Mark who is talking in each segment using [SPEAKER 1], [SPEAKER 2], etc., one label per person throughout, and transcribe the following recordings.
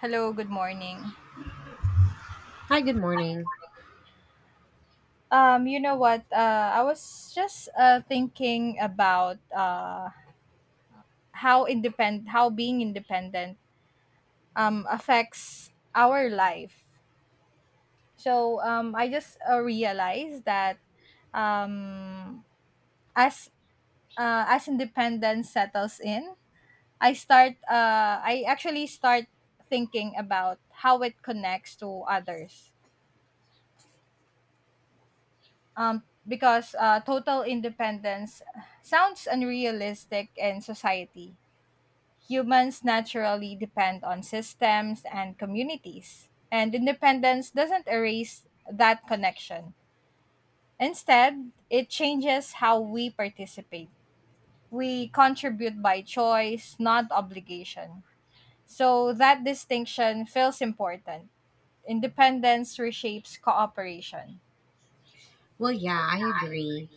[SPEAKER 1] Hello, good morning.
[SPEAKER 2] Hi, good morning.
[SPEAKER 1] You know what? I was just thinking about how how being independent affects our life. So I just realized that um, as as independence settles in, I actually start thinking about how it connects to others because total independence sounds unrealistic in society. Humans naturally depend on systems and communities, and independence doesn't erase that connection. Instead, it changes how we participate. We contribute by choice, not obligation. So that distinction feels important. Independence reshapes cooperation.
[SPEAKER 2] Well, yeah, I agree.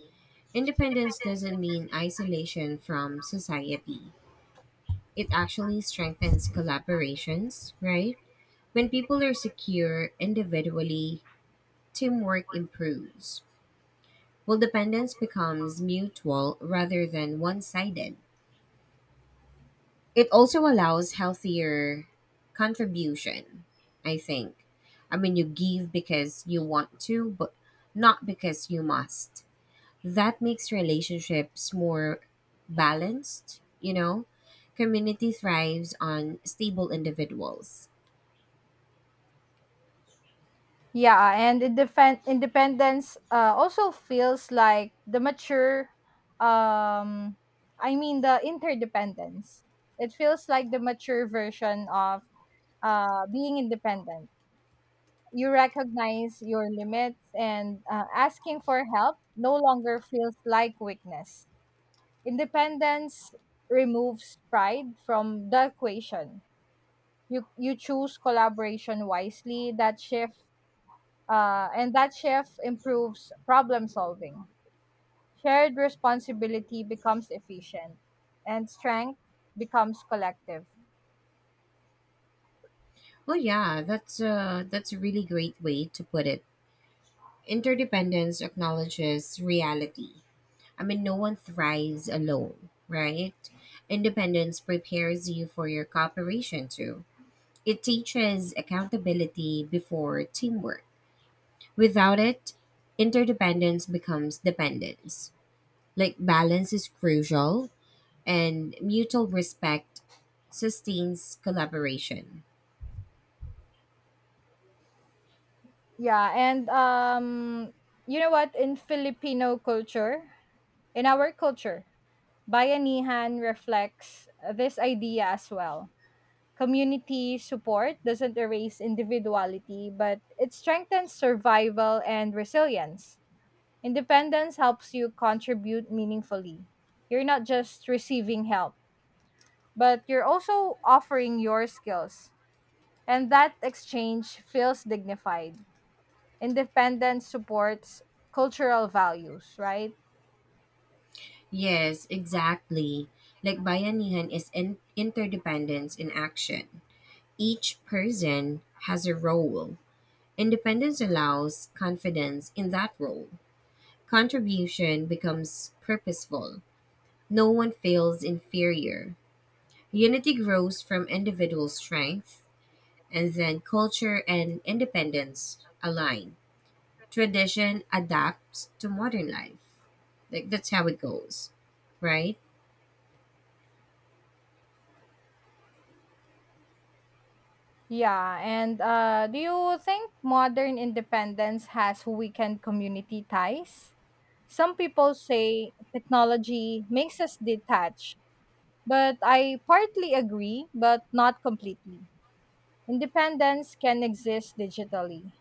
[SPEAKER 2] Independence doesn't mean isolation from society. It actually strengthens collaborations, right? When people are secure individually, teamwork improves. Well, dependence becomes mutual rather than one sided. It also allows healthier contribution, I think. I mean, you give because you want to, but not because you must. That makes relationships more balanced, you know? Community thrives on stable individuals.
[SPEAKER 1] Yeah, and independence also feels like the mature, um, I mean, the interdependence. It feels like the mature version of being independent. You recognize your limits, and asking for help no longer feels like weakness. Independence removes pride from the equation. You choose collaboration wisely. That shift and that shift improves problem solving. Shared responsibility becomes efficient, and strength becomes collective.
[SPEAKER 2] Well, yeah, that's a really great way to put it. Interdependence acknowledges reality. I mean, no one thrives alone, right? Independence prepares you for your cooperation too. It teaches accountability before teamwork. Without it, interdependence becomes dependence. Like balance is crucial and mutual respect sustains collaboration.
[SPEAKER 1] Yeah, and you know what? In Filipino culture, in our culture, bayanihan reflects this idea as well. Community support doesn't erase individuality, but it strengthens survival and resilience. Independence helps you contribute meaningfully. You're not just receiving help, but you're also offering your skills. And that exchange feels dignified. Independence supports cultural values, right?
[SPEAKER 2] Yes, exactly. Like bayanihan is interdependence in action. Each person has a role. Independence allows confidence in that role. Contribution becomes purposeful. No one feels inferior. Unity grows from individual strength, and then culture and independence align. Tradition adapts to modern life. Like that's how it goes, right?
[SPEAKER 1] Yeah, and do you think modern independence has weakened community ties? Some people say technology makes us detached, but I partly agree, but not completely. Independence can exist digitally.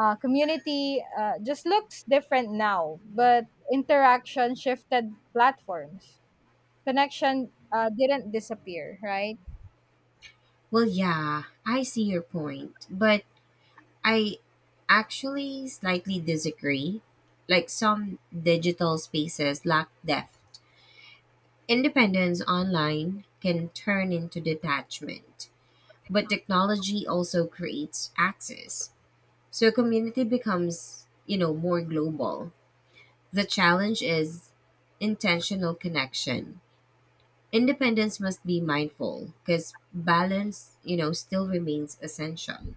[SPEAKER 1] Community just looks different now, but interaction shifted platforms. Connection didn't disappear, right?
[SPEAKER 2] Well, yeah, I see your point, but I actually slightly disagree. Like some digital spaces lack depth. Independence online can turn into detachment, but technology also creates access. So community becomes, you know, more global. The challenge is intentional connection. Independence must be mindful because balance, you know, still remains essential.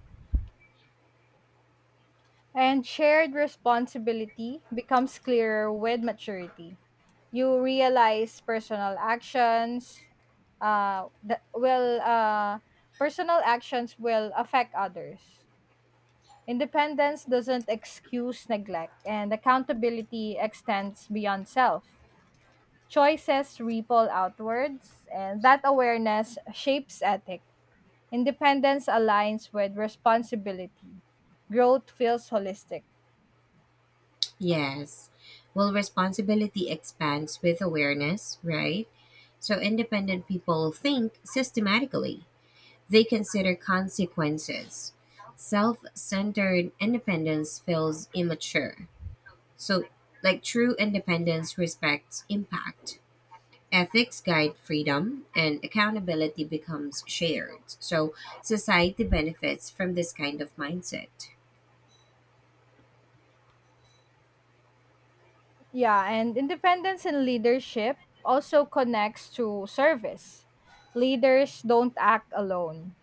[SPEAKER 1] And shared responsibility becomes clearer with maturity. You realize uh, that will uh, personal actions will affect others. Independence doesn't excuse neglect, and accountability extends beyond self. Choices ripple outwards, and that awareness shapes ethic. Independence aligns with responsibility. Growth feels holistic.
[SPEAKER 2] Yes. Well, responsibility expands with awareness, right? So independent people think systematically, they consider consequences. Self centered independence feels immature. So, like true independence respects impact. Ethics guide freedom and accountability becomes shared, so society benefits from this kind of mindset.
[SPEAKER 1] Yeah, and independence in leadership also connects to service. Leaders don't act alone,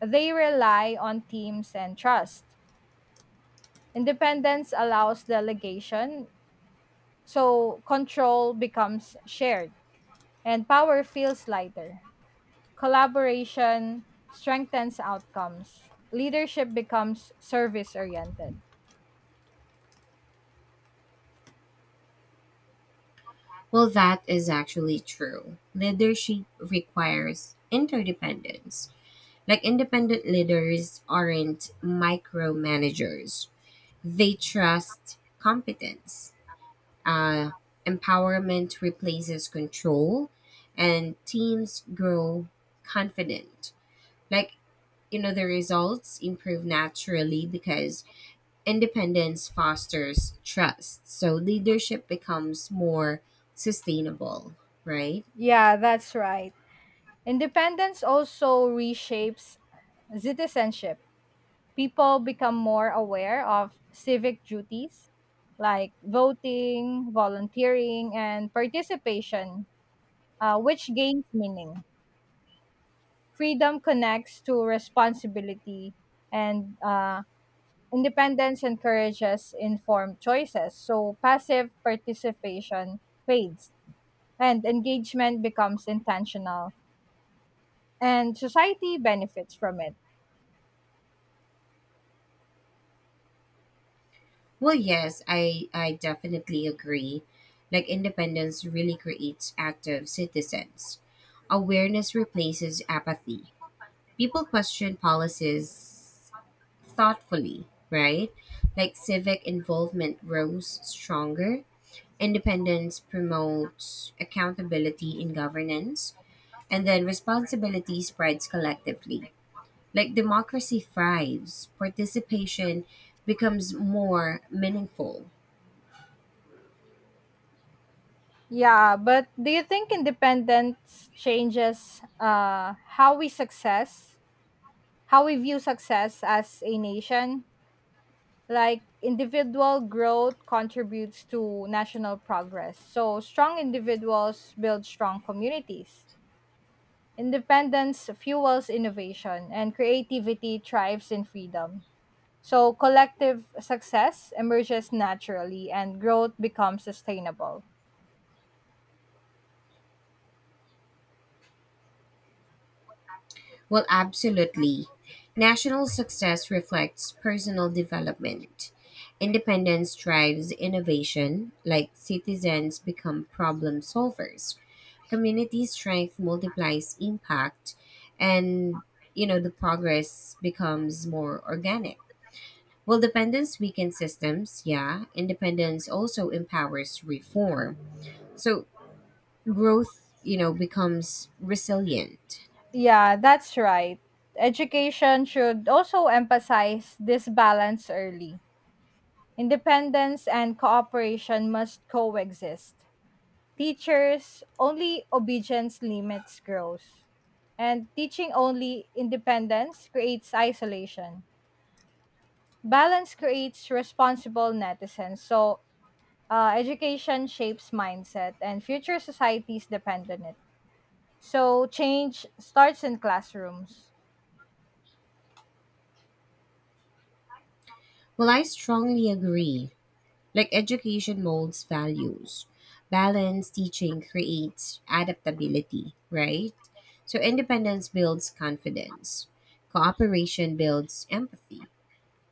[SPEAKER 1] they rely on teams and trust. Independence allows delegation. So control becomes shared and power feels lighter. Collaboration strengthens outcomes. Leadership becomes service oriented.
[SPEAKER 2] Well, that is actually true. Leadership requires interdependence. Like independent leaders aren't micromanagers, they trust competence. uh, Empowerment replaces control and teams grow confident. Like, you know, the results improve naturally because independence fosters trust, so leadership becomes more sustainable, right?
[SPEAKER 1] Yeah, that's right. Independence also reshapes citizenship. People become more aware of civic duties like voting, volunteering, and participation, which gains meaning. Freedom connects to responsibility, and independence encourages informed choices. So passive participation fades, and engagement becomes intentional, and society benefits from it.
[SPEAKER 2] Well, yes, I definitely agree. Like independence really creates active citizens. Awareness replaces apathy. People question policies thoughtfully, right? Like civic involvement grows stronger. Independence promotes accountability in governance, and then responsibility spreads collectively. Like democracy thrives, participation becomes more meaningful.
[SPEAKER 1] Yeah, but do you think independence changes how we view success as a nation? Like individual growth contributes to national progress. So strong individuals build strong communities. Independence fuels innovation and creativity thrives in freedom. So collective success emerges naturally and growth becomes sustainable.
[SPEAKER 2] Well, absolutely. National success reflects personal development. Independence drives innovation, like citizens become problem solvers. Community strength multiplies impact, and, you know, the progress becomes more organic. Well, dependence weakens systems, yeah. Independence also empowers reform. So growth, you know, becomes resilient.
[SPEAKER 1] Yeah, that's right. Education should also emphasize this balance early. Independence and cooperation must coexist. Teachers only obedience limits growth, and teaching only independence creates isolation. Balance creates responsible netizens, so education shapes mindset and future societies depend on it, so change starts in classrooms.
[SPEAKER 2] Well, I strongly agree. Like education molds values. Balanced teaching creates adaptability, right? So independence builds confidence. Cooperation builds empathy.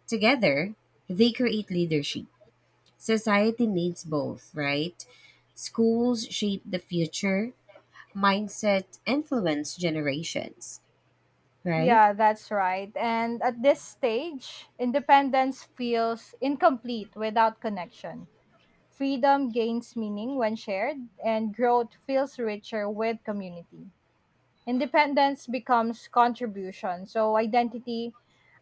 [SPEAKER 2] Together, they create leadership. Society needs both, right? Schools shape the future, mindset influence generations, right?
[SPEAKER 1] Yeah, that's right, and at this stage independence feels incomplete without connection. Freedom gains meaning when shared, and growth feels richer with community. Independence becomes contribution, so identity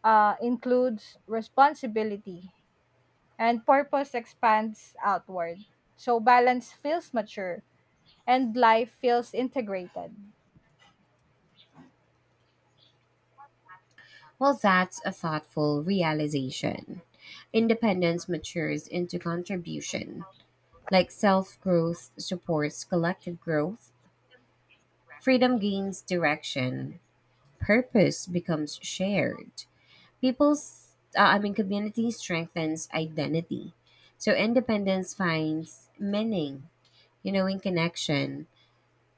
[SPEAKER 1] includes responsibility, and purpose expands outward. So balance feels mature, and life feels integrated.
[SPEAKER 2] Well, that's a thoughtful realization. Independence matures into contribution. Like self growth supports collective growth, freedom gains direction, purpose becomes shared. Community strengthens identity. So independence finds meaning, you know, in connection,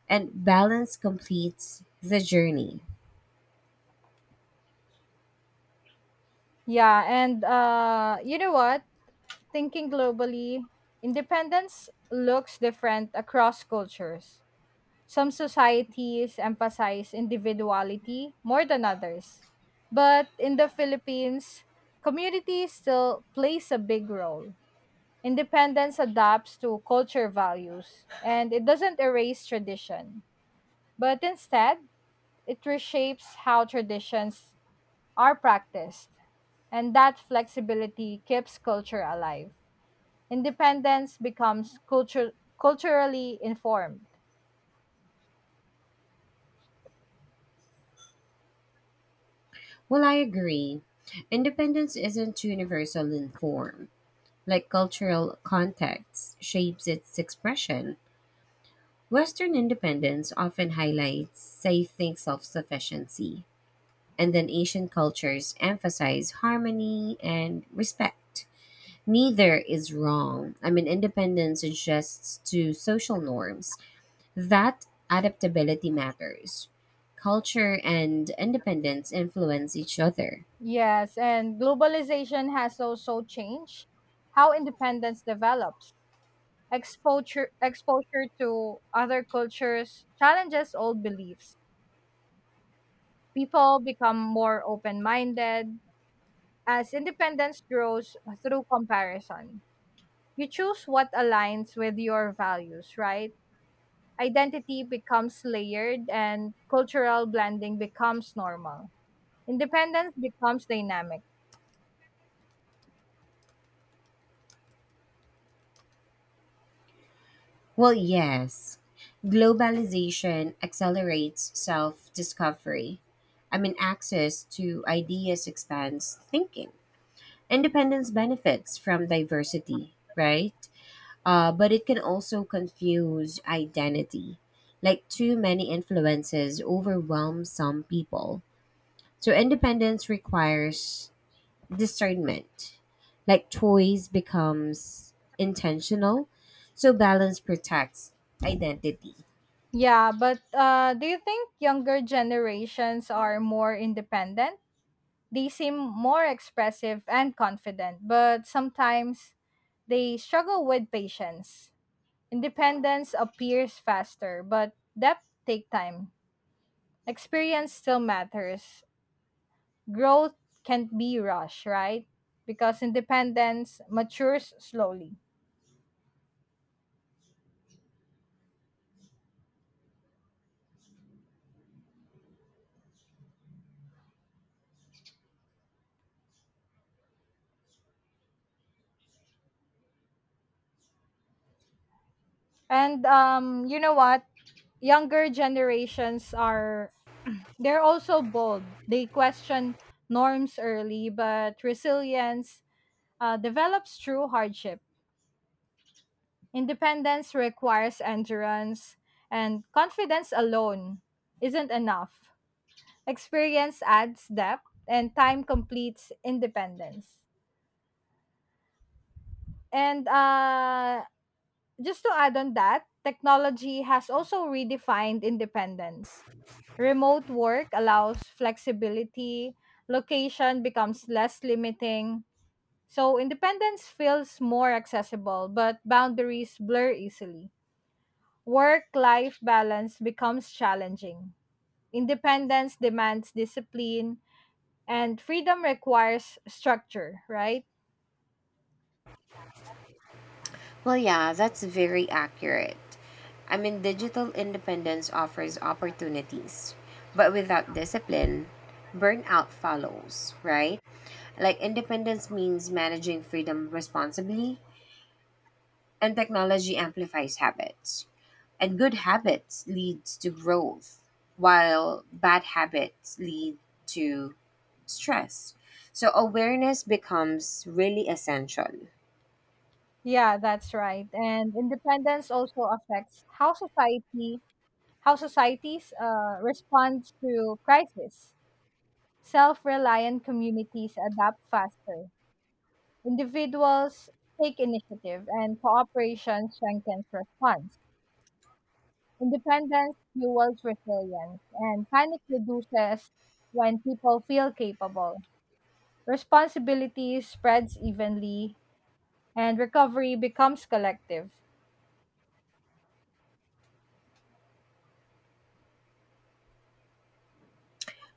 [SPEAKER 2] and balance completes the journey.
[SPEAKER 1] Yeah, and you know what? Thinking globally, independence looks different across cultures. Some societies emphasize individuality more than others. But in the Philippines, community still plays a big role. Independence adapts to culture values and it doesn't erase tradition, but instead, it reshapes how traditions are practiced. And that flexibility keeps culture alive. Independence becomes culture, culturally informed.
[SPEAKER 2] Well, I agree. Independence isn't universal in form. Like cultural context shapes its expression, Western independence often highlights, say, think self sufficiency, and then Asian cultures emphasize harmony and respect. Neither is wrong. I mean, independence adjusts to social norms. That adaptability matters. Culture and independence influence each other.
[SPEAKER 1] Yes, and globalization has also changed how independence develops. Exposure to other cultures challenges old beliefs. People become more open minded as independence grows through comparison. You choose what aligns with your values, right? Identity becomes layered and cultural blending becomes normal. Independence becomes dynamic.
[SPEAKER 2] Well, yes, globalization accelerates self discovery. I mean, access to ideas expands thinking. Independence benefits from diversity, right? But it can also confuse identity. Like too many influences overwhelm some people. So independence requires discernment. Like choice becomes intentional. So balance protects identity.
[SPEAKER 1] Yeah, but do you think younger generations are more independent? They seem more expressive and confident, but sometimes they struggle with patience. Independence appears faster, but depth take time. Experience still matters. Growth can't be rushed, right? Because independence matures slowly. And you know what? Younger generations are They're also bold. They question norms early, but resilience develops through hardship. Independence requires endurance, and confidence alone isn't enough. Experience adds depth, and time completes independence. And just to add on that, technology has also redefined independence. Remote work allows flexibility, location becomes less limiting. So independence feels more accessible, but boundaries blur easily. Work life balance becomes challenging. Independence demands discipline, and freedom requires structure, right?
[SPEAKER 2] Well, yeah, that's very accurate. I mean, digital independence offers opportunities, but without discipline, burnout follows, right? Like, independence means managing freedom responsibly, and technology amplifies habits. And good habits leads to growth, while bad habits lead to stress. So awareness becomes really essential.
[SPEAKER 1] Yeah, that's right. And independence also affects how societies respond to crisis. Self-reliant communities adapt faster. Individuals take initiative, and cooperation strengthens response. Independence fuels resilience, and panic reduces when people feel capable. Responsibility spreads evenly, and recovery becomes collective.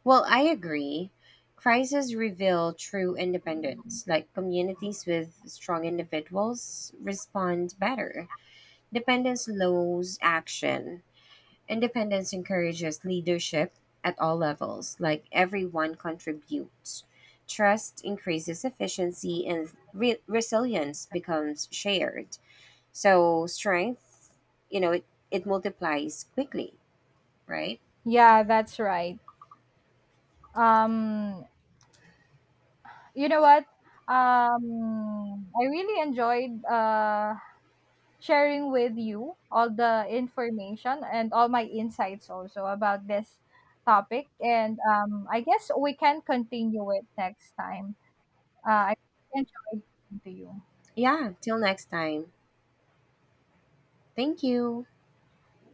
[SPEAKER 2] Well, I agree. Crises reveal true independence. Like communities with strong individuals respond better. Dependence lows action. Independence encourages leadership at all levels, like everyone contributes. Trust increases efficiency and resilience becomes shared. So strength, you know, it multiplies quickly, right?
[SPEAKER 1] Yeah, that's right. Um, you know what? I really enjoyed sharing with you all the information and all my insights also about this topic, and I guess we can continue it next time. I enjoy talking to you.
[SPEAKER 2] Yeah, till next time. Thank you.